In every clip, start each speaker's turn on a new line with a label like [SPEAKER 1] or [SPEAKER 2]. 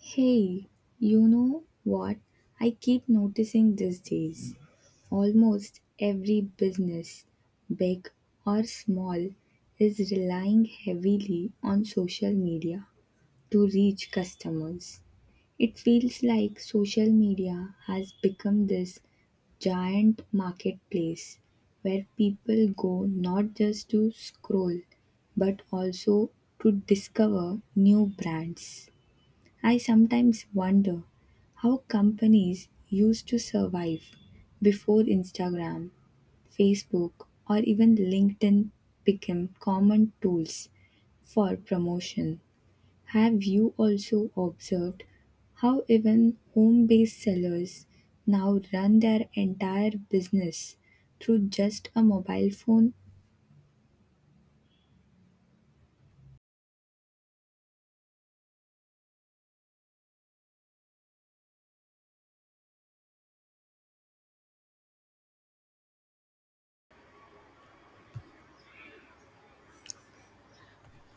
[SPEAKER 1] Hey, you know what? I keep noticing these days. Almost every business, big or small, is relying heavily on social media to reach customers. It feels like social media has become this giant marketplace where people go not just to scroll but also to discover new brands. I sometimes wonder how companies used to survive before Instagram, Facebook, or even LinkedIn became common tools for promotion. Have you also observed how even home based sellers now run their entire business through just a mobile phone?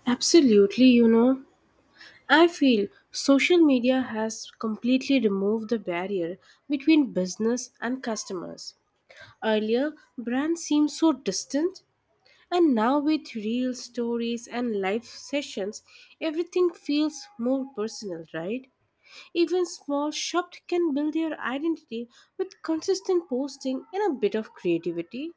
[SPEAKER 2] Absolutely, you know. I feel social media has completely removed the barrier between business and customers. Earlier, brands seemed so distant, and now with real stories and live sessions, everything feels more personal, right? Even small shops can build their identity with consistent posting and a bit of creativity.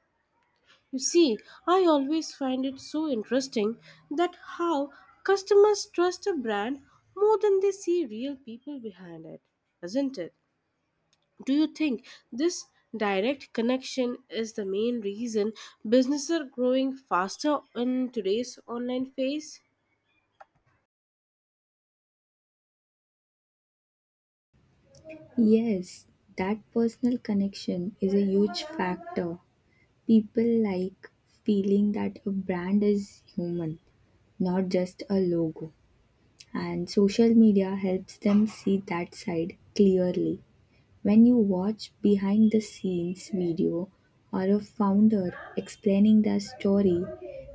[SPEAKER 2] You see, I always find it so interesting that how customers trust a brand more than they see real people behind it, isn't it? Do you think this direct connection is the main reason businesses are growing faster in today's online phase?
[SPEAKER 1] Yes, that personal connection is a huge factor. People like feeling that a brand is human, not just a logo. And social media helps them see that side clearly. When you watch behind the scenes video or a founder explaining their story,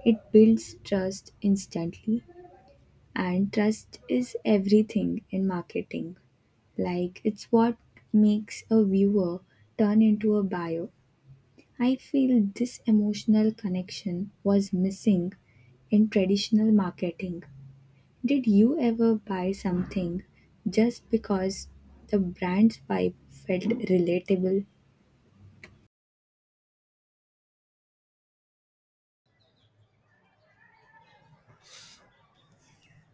[SPEAKER 1] it builds trust instantly. And trust is everything in marketing. Like, it's what makes a viewer turn into a buyer. I feel this emotional connection was missing in traditional marketing. Did you ever buy something just because the brand's vibe felt relatable?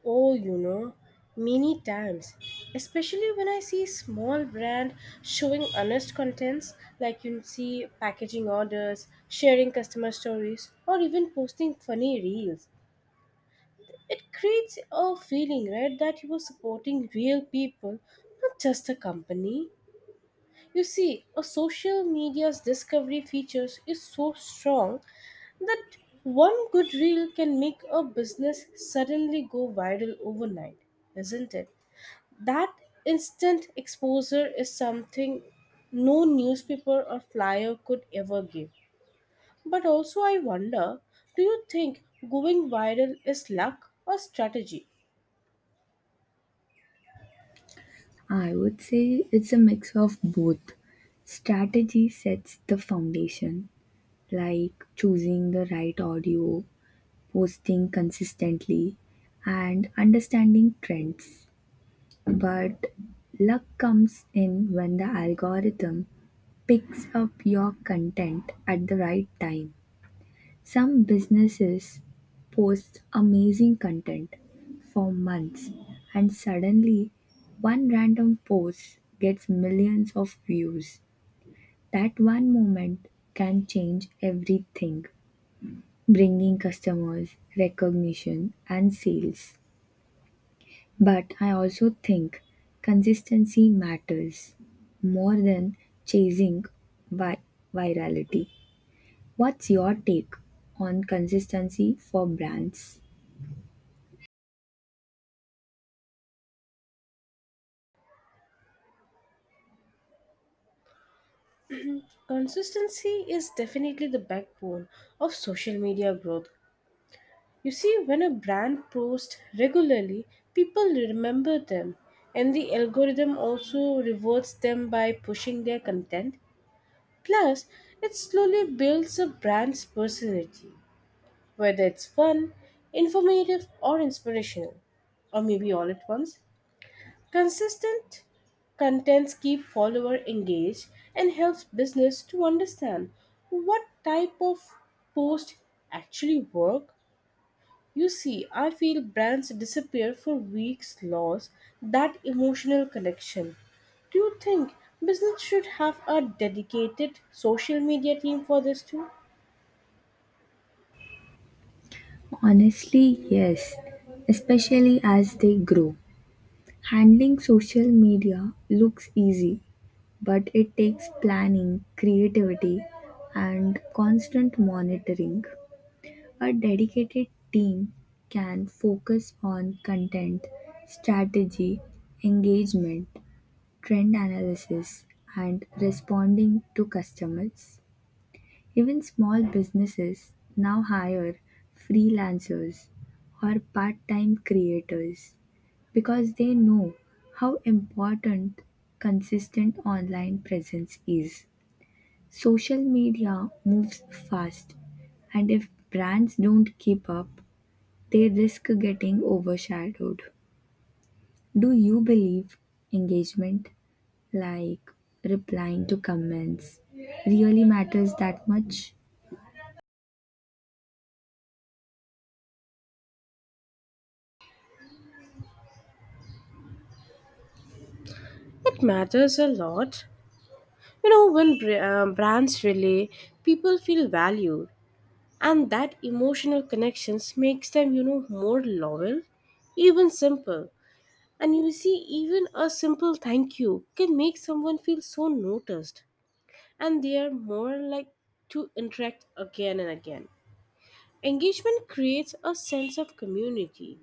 [SPEAKER 2] Oh, you know, many times, especially when I see small brand showing honest contents like you see packaging orders, sharing customer stories, or even posting funny reels. It creates a feeling, right, that you are supporting real people, not just a company. You see, a social media's discovery features is so strong that one good reel can make a business suddenly go viral overnight, isn't it? That instant exposure is something no newspaper or flyer could ever give. But also, I wonder do you think going viral is luck or strategy?
[SPEAKER 1] I would say it's a mix of both. Strategy sets the foundation, like choosing the right audio, posting consistently, and understanding trends. But luck comes in when the algorithm picks up your content at the right time. Some businesses post amazing content for months and suddenly one random post gets millions of views. That one moment can change everything, bringing customers, recognition, and sales. But I also think consistency matters more than chasing vi- virality. What's your take on consistency for brands?
[SPEAKER 2] Consistency is definitely the backbone of social media growth. You see, when a brand posts regularly, people remember them, and the algorithm also rewards them by pushing their content. Plus, it slowly builds a brand's personality, whether it's fun, informative, or inspirational, or maybe all at once. Consistent contents keep follower engaged and helps business to understand what type of post actually work. You see, I feel brands disappear for weeks lost that emotional connection. Do you think business should have a dedicated social media team for this too?
[SPEAKER 1] Honestly, yes, especially as they grow. Handling social media looks easy, but it takes planning, creativity, and constant monitoring. A dedicated team can focus on content, strategy, engagement, trend analysis, and responding to customers. Even small businesses now hire freelancers or part-time creators because they know how important consistent online presence is. Social media moves fast, and if brands don't keep up, they risk getting overshadowed. Do you believe engagement, like replying to comments, really matters that much?
[SPEAKER 2] It matters a lot. You know, when brands relay, people feel valued, and that emotional connections makes them, you know, more loyal, even simple. And you see, even a simple thank you can make someone feel so noticed, and they are more like to interact again and again. Engagement creates a sense of community,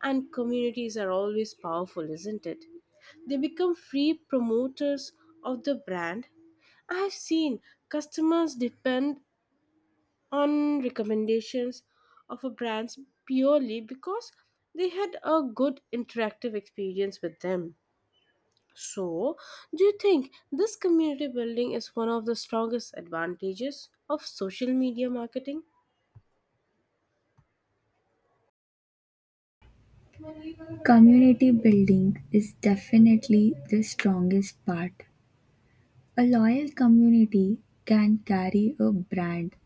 [SPEAKER 2] and communities are always powerful, isn't it? They become free promoters of the brand. I have seen customers depend on recommendations of a brand purely because they had a good interactive experience with them. So, do you think this community building is one of the strongest advantages of social media marketing?
[SPEAKER 1] Community building is definitely the strongest part. A loyal community can carry a brand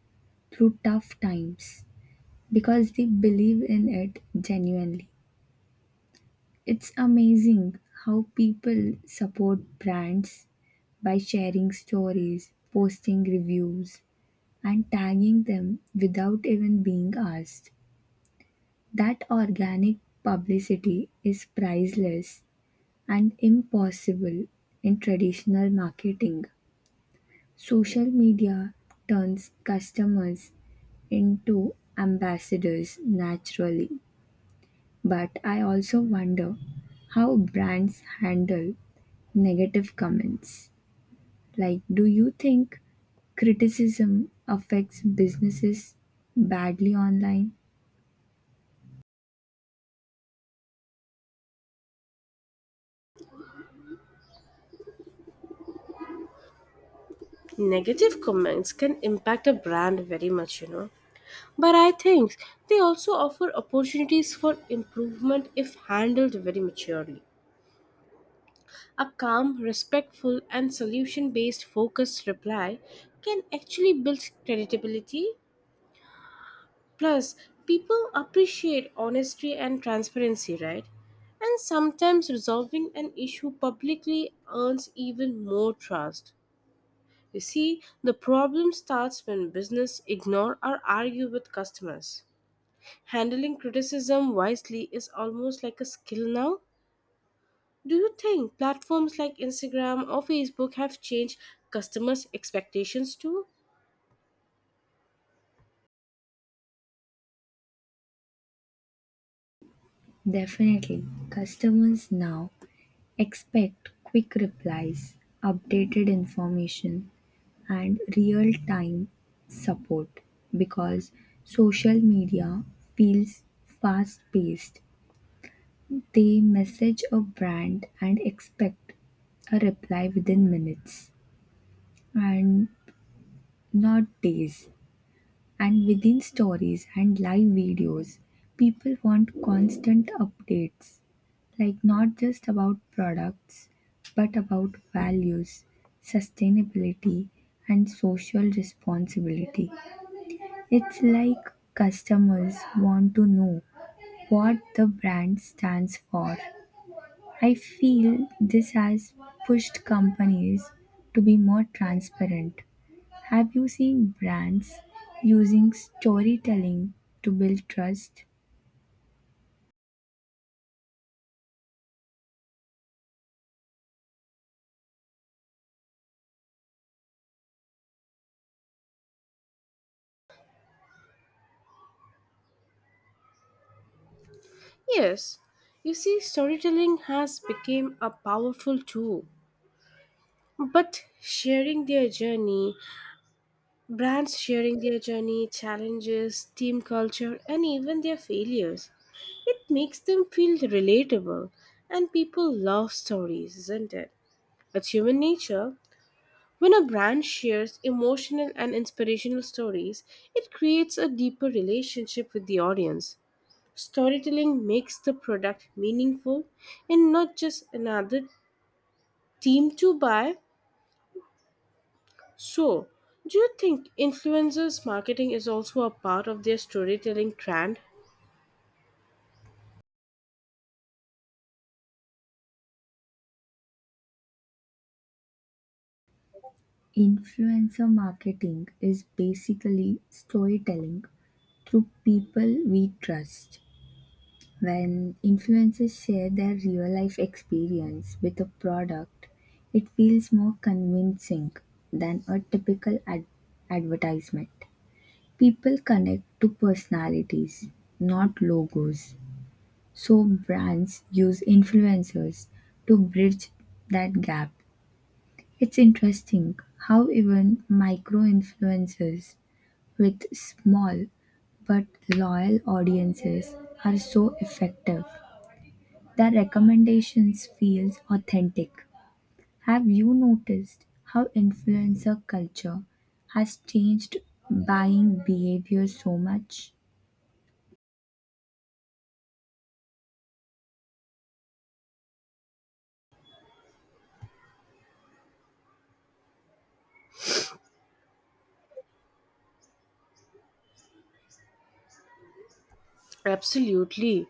[SPEAKER 1] through tough times because they believe in it genuinely. It's amazing how people support brands by sharing stories, posting reviews, and tagging them without even being asked. That organic publicity is priceless and impossible in traditional marketing. Social media turns customers into ambassadors naturally. But I also wonder how brands handle negative comments. Like, do you think criticism affects businesses badly online?
[SPEAKER 2] Negative comments can impact a brand very much, you know. But I think they also offer opportunities for improvement if handled very maturely. A calm, respectful, and solution based focused reply can actually build credibility. Plus, people appreciate honesty and transparency, right? And sometimes resolving an issue publicly earns even more trust. You see, the problem starts when business ignore or argue with customers. Handling criticism wisely is almost like a skill now. Do you think platforms like Instagram or Facebook have changed customers' expectations too?
[SPEAKER 1] Definitely. Customers now expect quick replies, updated information, and real-time support because social media feels fast-paced. They message a brand and expect a reply within minutes and not days. And within stories and live videos, people want constant updates, like not just about products, but about values, sustainability, and social responsibility. It's like customers want to know what the brand stands for. I feel this has pushed companies to be more transparent. Have you seen brands using storytelling to build trust?
[SPEAKER 2] Yes. You see, storytelling has become a powerful tool, but sharing their journey Brands sharing their journey, challenges, team culture, and even their failures. It makes them feel relatable, and people love stories, isn't it? It's human nature. When a brand shares emotional and inspirational stories, it creates a deeper relationship with the audience. Storytelling makes the product meaningful and not just another team to buy. So, do you think influencers' marketing is also a part of their storytelling trend?
[SPEAKER 1] Influencer marketing is basically storytelling through people we trust. When influencers share their real life experience with a product, it feels more convincing than a typical advertisement. People connect to personalities, not logos. So brands use influencers to bridge that gap. It's interesting how even micro influencers with small but loyal audiences are so effective. Their recommendations feels authentic. Have you noticed how influencer culture has changed buying behavior so much?
[SPEAKER 2] Absolutely.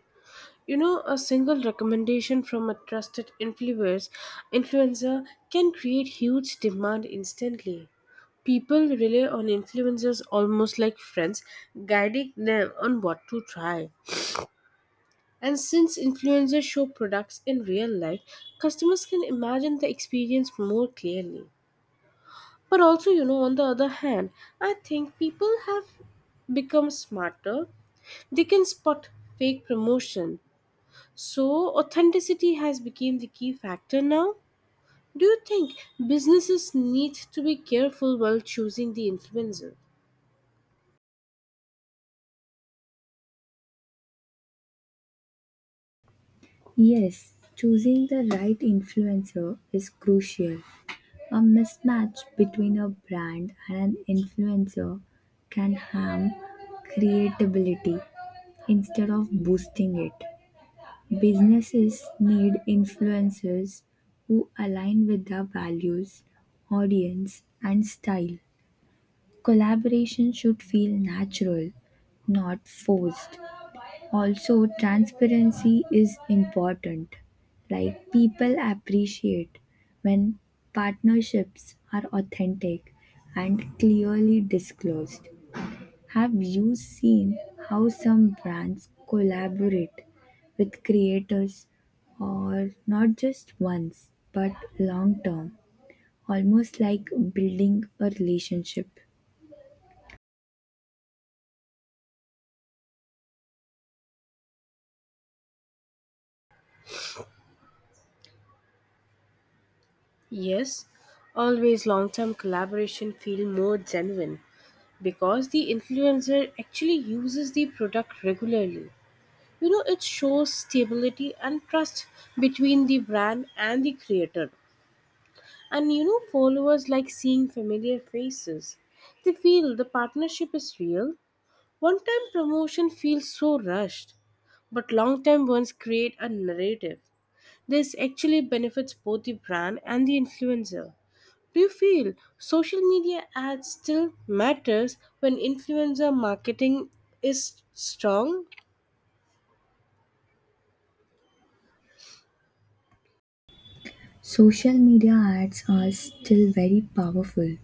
[SPEAKER 2] You know, a single recommendation from a trusted influencer can create huge demand instantly. People rely on influencers almost like friends, guiding them on what to try. And since influencers show products in real life, customers can imagine the experience more clearly. But also, you know, on the other hand, I think people have become smarter. They can spot fake promotion. So, authenticity has become the key factor now. Do you think businesses need to be careful while choosing the influencer?
[SPEAKER 1] Yes, choosing the right influencer is crucial. A mismatch between a brand and an influencer can harm creativity instead of boosting it. Businesses need influencers who align with their values, audience, and style. Collaboration should feel natural, not forced. Also transparency is important, like people appreciate when partnerships are authentic and clearly disclosed. Have you seen how some brands collaborate with creators or not just once but long term, almost like building a relationship?
[SPEAKER 2] Yes, always long-term collaboration feel more genuine because the influencer actually uses the product regularly. You know, it shows stability and trust between the brand and the creator. And you know, followers like seeing familiar faces. They feel the partnership is real. One time promotion feels so rushed, but long time ones create a narrative. This actually benefits both the brand and the influencer. Do you feel social media ads still matters when influencer marketing is strong?
[SPEAKER 1] Social media ads are still very powerful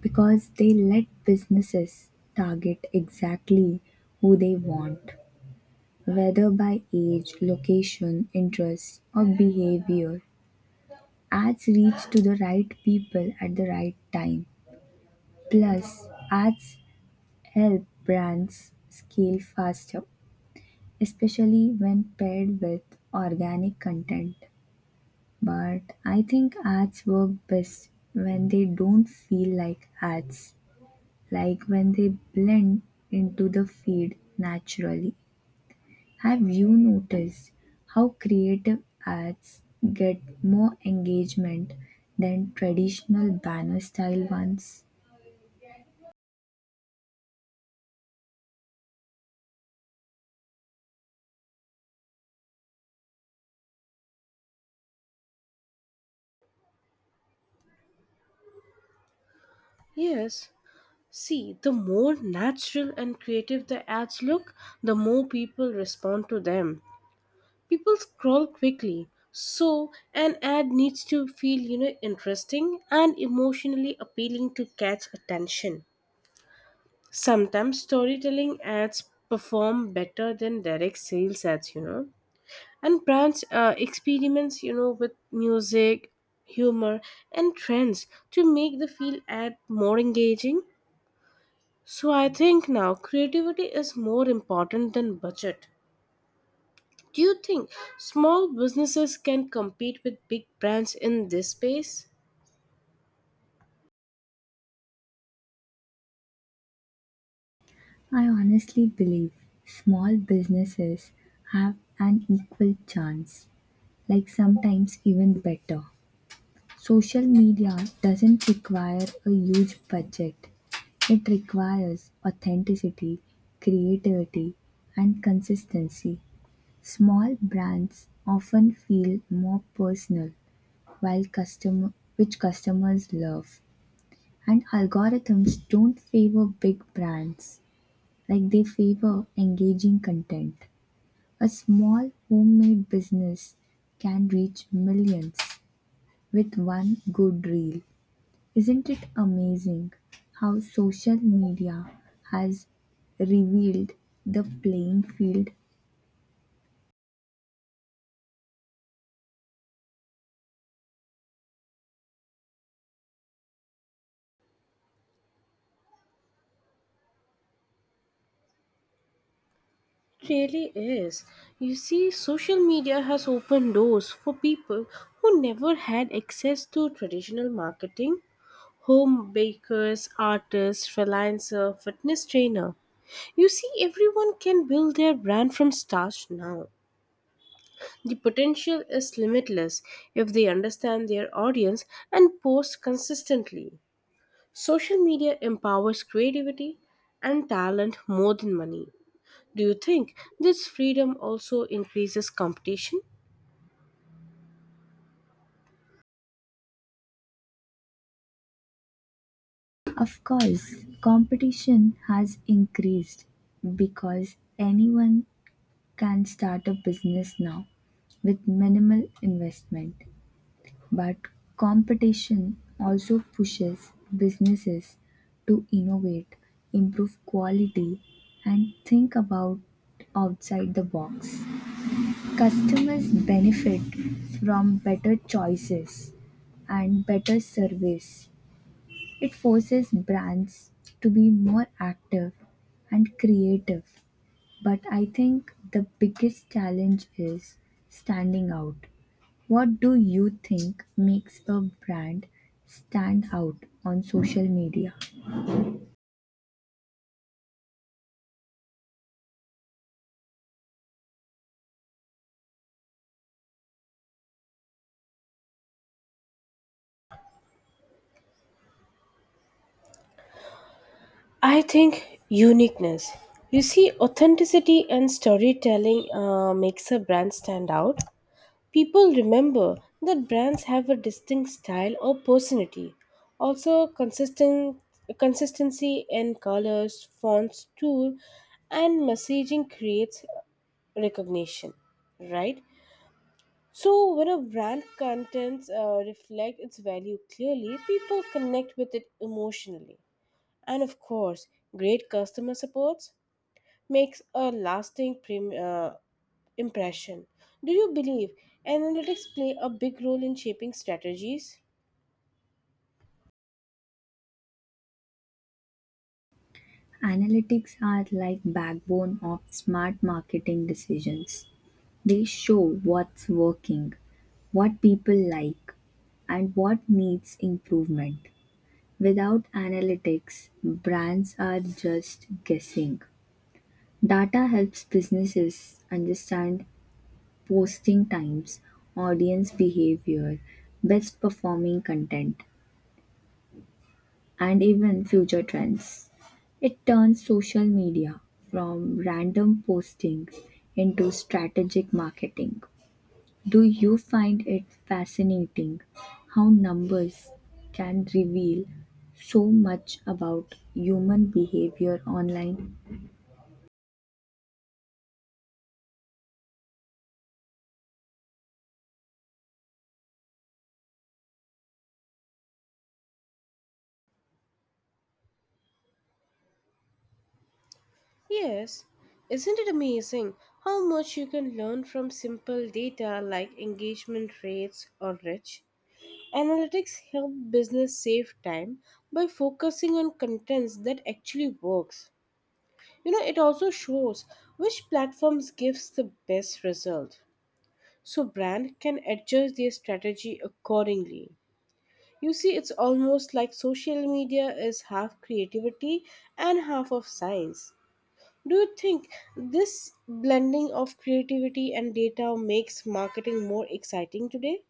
[SPEAKER 1] because they let businesses target exactly who they want, whether by age, location, interest, or behavior. Ads reach to the right people at the right time. Plus, ads help brands scale faster, especially when paired with organic content. But I think ads work best when they don't feel like ads, like when they blend into the feed naturally. Have you noticed how creative ads get more engagement than traditional banner style ones?
[SPEAKER 2] Yes. See, the more natural and creative the ads look, the more people respond to them. People scroll quickly, so an ad needs to feel, you know, interesting and emotionally appealing to catch attention. Sometimes storytelling ads perform better than direct sales ads, you know, and brands experiments, you know, with music, humor, and trends to make the feel ad more engaging. So I think now creativity is more important than budget. Do you think small businesses can compete with big brands in this space?
[SPEAKER 1] I honestly believe small businesses have an equal chance, like sometimes even better. Social media doesn't require a huge budget. It requires authenticity, creativity, and consistency. Small brands often feel more personal while customers love. And algorithms don't favor big brands like they favor engaging content. A small homemade business can reach millions with one good reel. Isn't it amazing how social media has revealed the playing field?
[SPEAKER 2] Really is. You see, social media has opened doors for people who never had access to traditional marketing. Home bakers, artists, freelancer, fitness trainer. You see, everyone can build their brand from scratch now. The potential is limitless if they understand their audience and post consistently. Social media empowers creativity and talent more than money. Do you think this freedom also increases competition?
[SPEAKER 1] Of course, competition has increased because anyone can start a business now with minimal investment. But competition also pushes businesses to innovate, improve quality, and think about outside the box. Customers benefit from better choices and better service. It forces brands to be more active and creative. But I think the biggest challenge is standing out. What do you think makes a brand stand out on social media?
[SPEAKER 2] I think uniqueness. You see, authenticity and storytelling makes a brand stand out. People remember that brands have a distinct style or personality. Also, consistent consistency in colors, fonts, tool, and messaging creates recognition, right? So, when a brand contents reflect its value clearly, people connect with it emotionally. And of course, great customer supports makes a lasting impression. Do you believe analytics play a big role in shaping strategies?
[SPEAKER 1] Analytics are like backbone of smart marketing decisions. They show what's working, what people like, and what needs improvement. Without analytics, brands are just guessing. Data helps businesses understand posting times, audience behavior, best performing content, and even future trends. It turns social media from random postings into strategic marketing. Do you find it fascinating how numbers can reveal so much about human behavior online?
[SPEAKER 2] Yes. Isn't it amazing how much you can learn from simple data like engagement rates or rich? Analytics help business save time by focusing on contents that actually works. You know, it also shows which platforms gives the best result. So brand can adjust their strategy accordingly. You see, it's almost like social media is half creativity and half of science. Do you think this blending of creativity and data makes marketing more exciting today?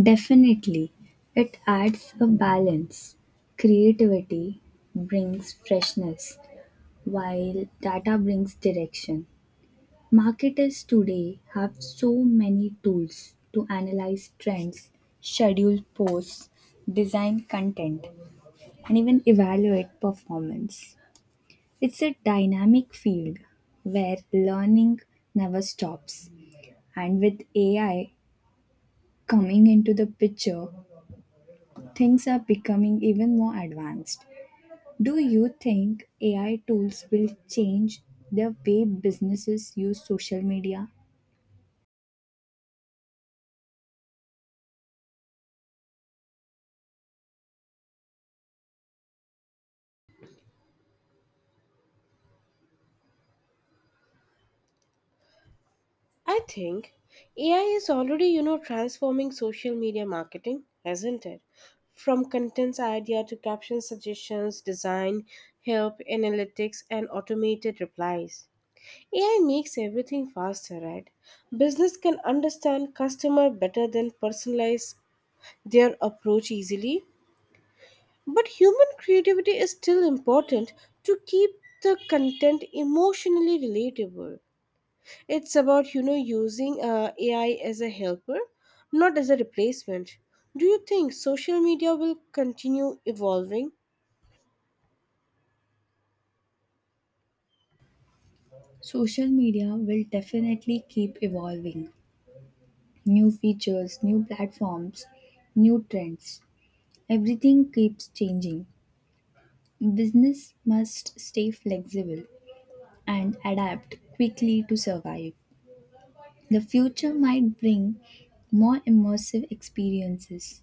[SPEAKER 1] Definitely, it adds a balance. Creativity brings freshness, while data brings direction. Marketers today have so many tools to analyze trends, schedule posts, design content, and even evaluate performance. It's a dynamic field where learning never stops, and with AI coming into the picture, things are becoming even more advanced. Do you think AI tools will change the way businesses use social media?
[SPEAKER 2] I think AI is already, you know, transforming social media marketing, hasn't it? From content's idea to caption suggestions, design, help, analytics, and automated replies. AI makes everything faster, right? Business can understand customer better than personalize their approach easily. But human creativity is still important to keep the content emotionally relatable. It's about, you know, using AI as a helper, not as a replacement. Do you think social media will continue evolving?
[SPEAKER 1] Social media will definitely keep evolving. New features, new platforms, new trends. Everything keeps changing. Business must stay flexible and adapt quickly to survive. The future might bring more immersive experiences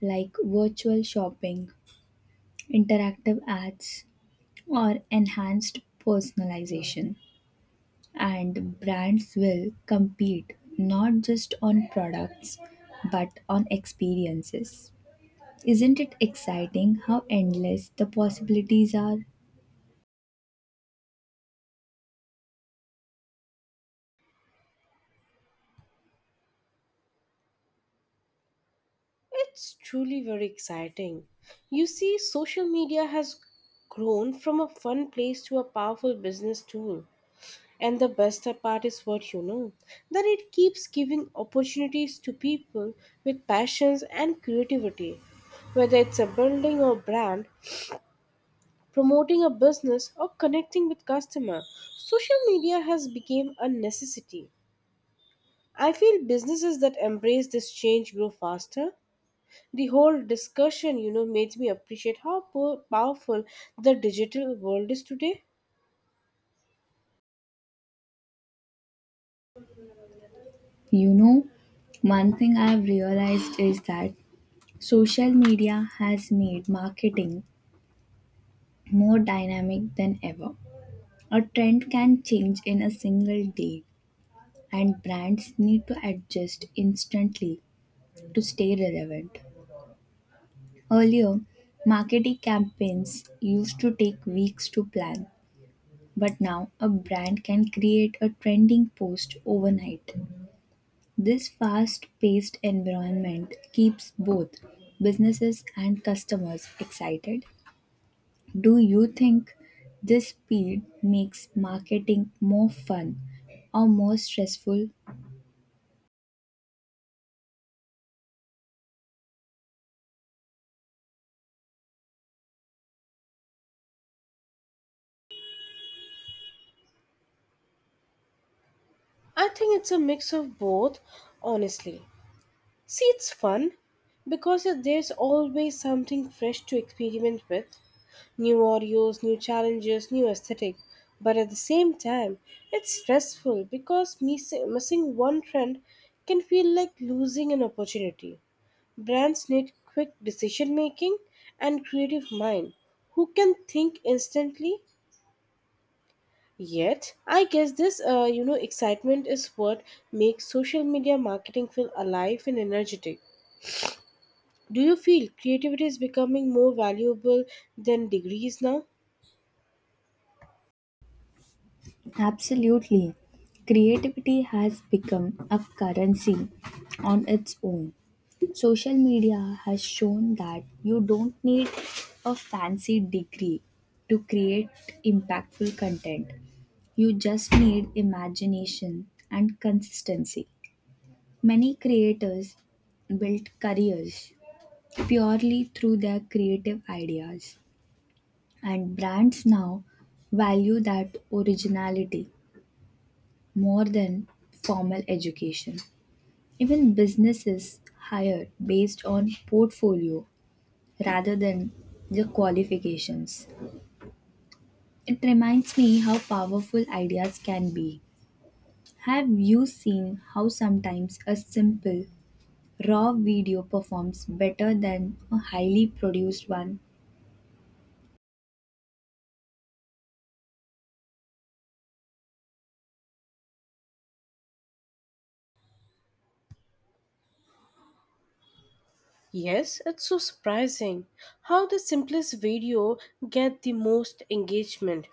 [SPEAKER 1] like virtual shopping, interactive ads, or enhanced personalization. And brands will compete not just on products but on experiences. Isn't it exciting how endless the possibilities are?
[SPEAKER 2] It's truly very exciting. You see, social media has grown from a fun place to a powerful business tool. And the best part is, what you know, that it keeps giving opportunities to people with passions and creativity. Whether it's a building or brand, promoting a business or connecting with customer, social media has become a necessity. I feel businesses that embrace this change grow faster. The whole discussion, you know, made me appreciate how powerful the digital world is today.
[SPEAKER 1] You know, one thing I've realized is that social media has made marketing more dynamic than ever. A trend can change in a single day, and brands need to adjust instantly to stay relevant. Earlier, marketing campaigns used to take weeks to plan, but now a brand can create a trending post overnight. This fast paced environment keeps both businesses and customers excited. Do you think this speed makes marketing more fun or more stressful?
[SPEAKER 2] I think it's a mix of both, honestly. See, it's fun because there's always something fresh to experiment with. New audios, new challenges, new aesthetic. But at the same time, it's stressful because missing one trend can feel like losing an opportunity. Brands need quick decision making and creative mind who can think instantly. Yet, I guess this, you know, excitement is what makes social media marketing feel alive and energetic. Do you feel creativity is becoming more valuable than degrees now?
[SPEAKER 1] Absolutely. Creativity has become a currency on its own. Social media has shown that you don't need a fancy degree to create impactful content. You just need imagination and consistency. Many creators built careers purely through their creative ideas. And brands now value that originality more than formal education. Even businesses hire based on portfolio rather than the qualifications. It reminds me how powerful ideas can be. Have you seen how sometimes a simple, raw video performs better than a highly produced one?
[SPEAKER 2] Yes, it's so surprising how the simplest video get the most engagement.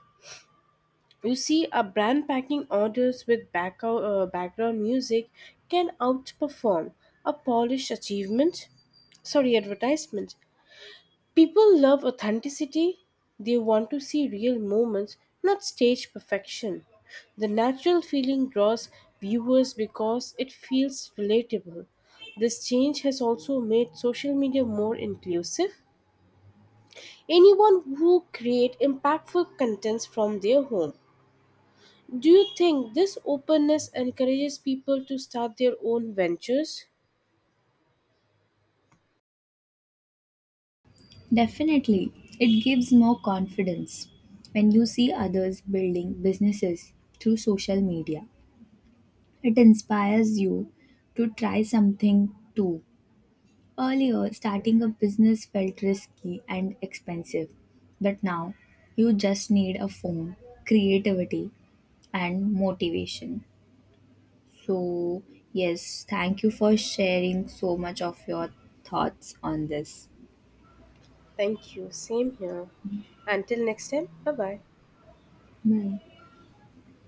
[SPEAKER 2] You see, a brand packing orders with background music can outperform a polished achievement, sorry, advertisement. People love authenticity. They want to see real moments, not stage perfection. The natural feeling draws viewers because it feels relatable. This change has also made social media more inclusive. Anyone who create impactful contents from their home. Do you think this openness encourages people to start their own ventures?
[SPEAKER 1] Definitely, it gives more confidence. When you see others building businesses through social media, it inspires you to try something too. Earlier, starting a business felt risky and expensive, but now you just need a phone, creativity, and motivation. So, yes, thank you for sharing so much of your thoughts on this.
[SPEAKER 2] Thank you. Same here. Until next time. Bye bye.
[SPEAKER 1] Bye.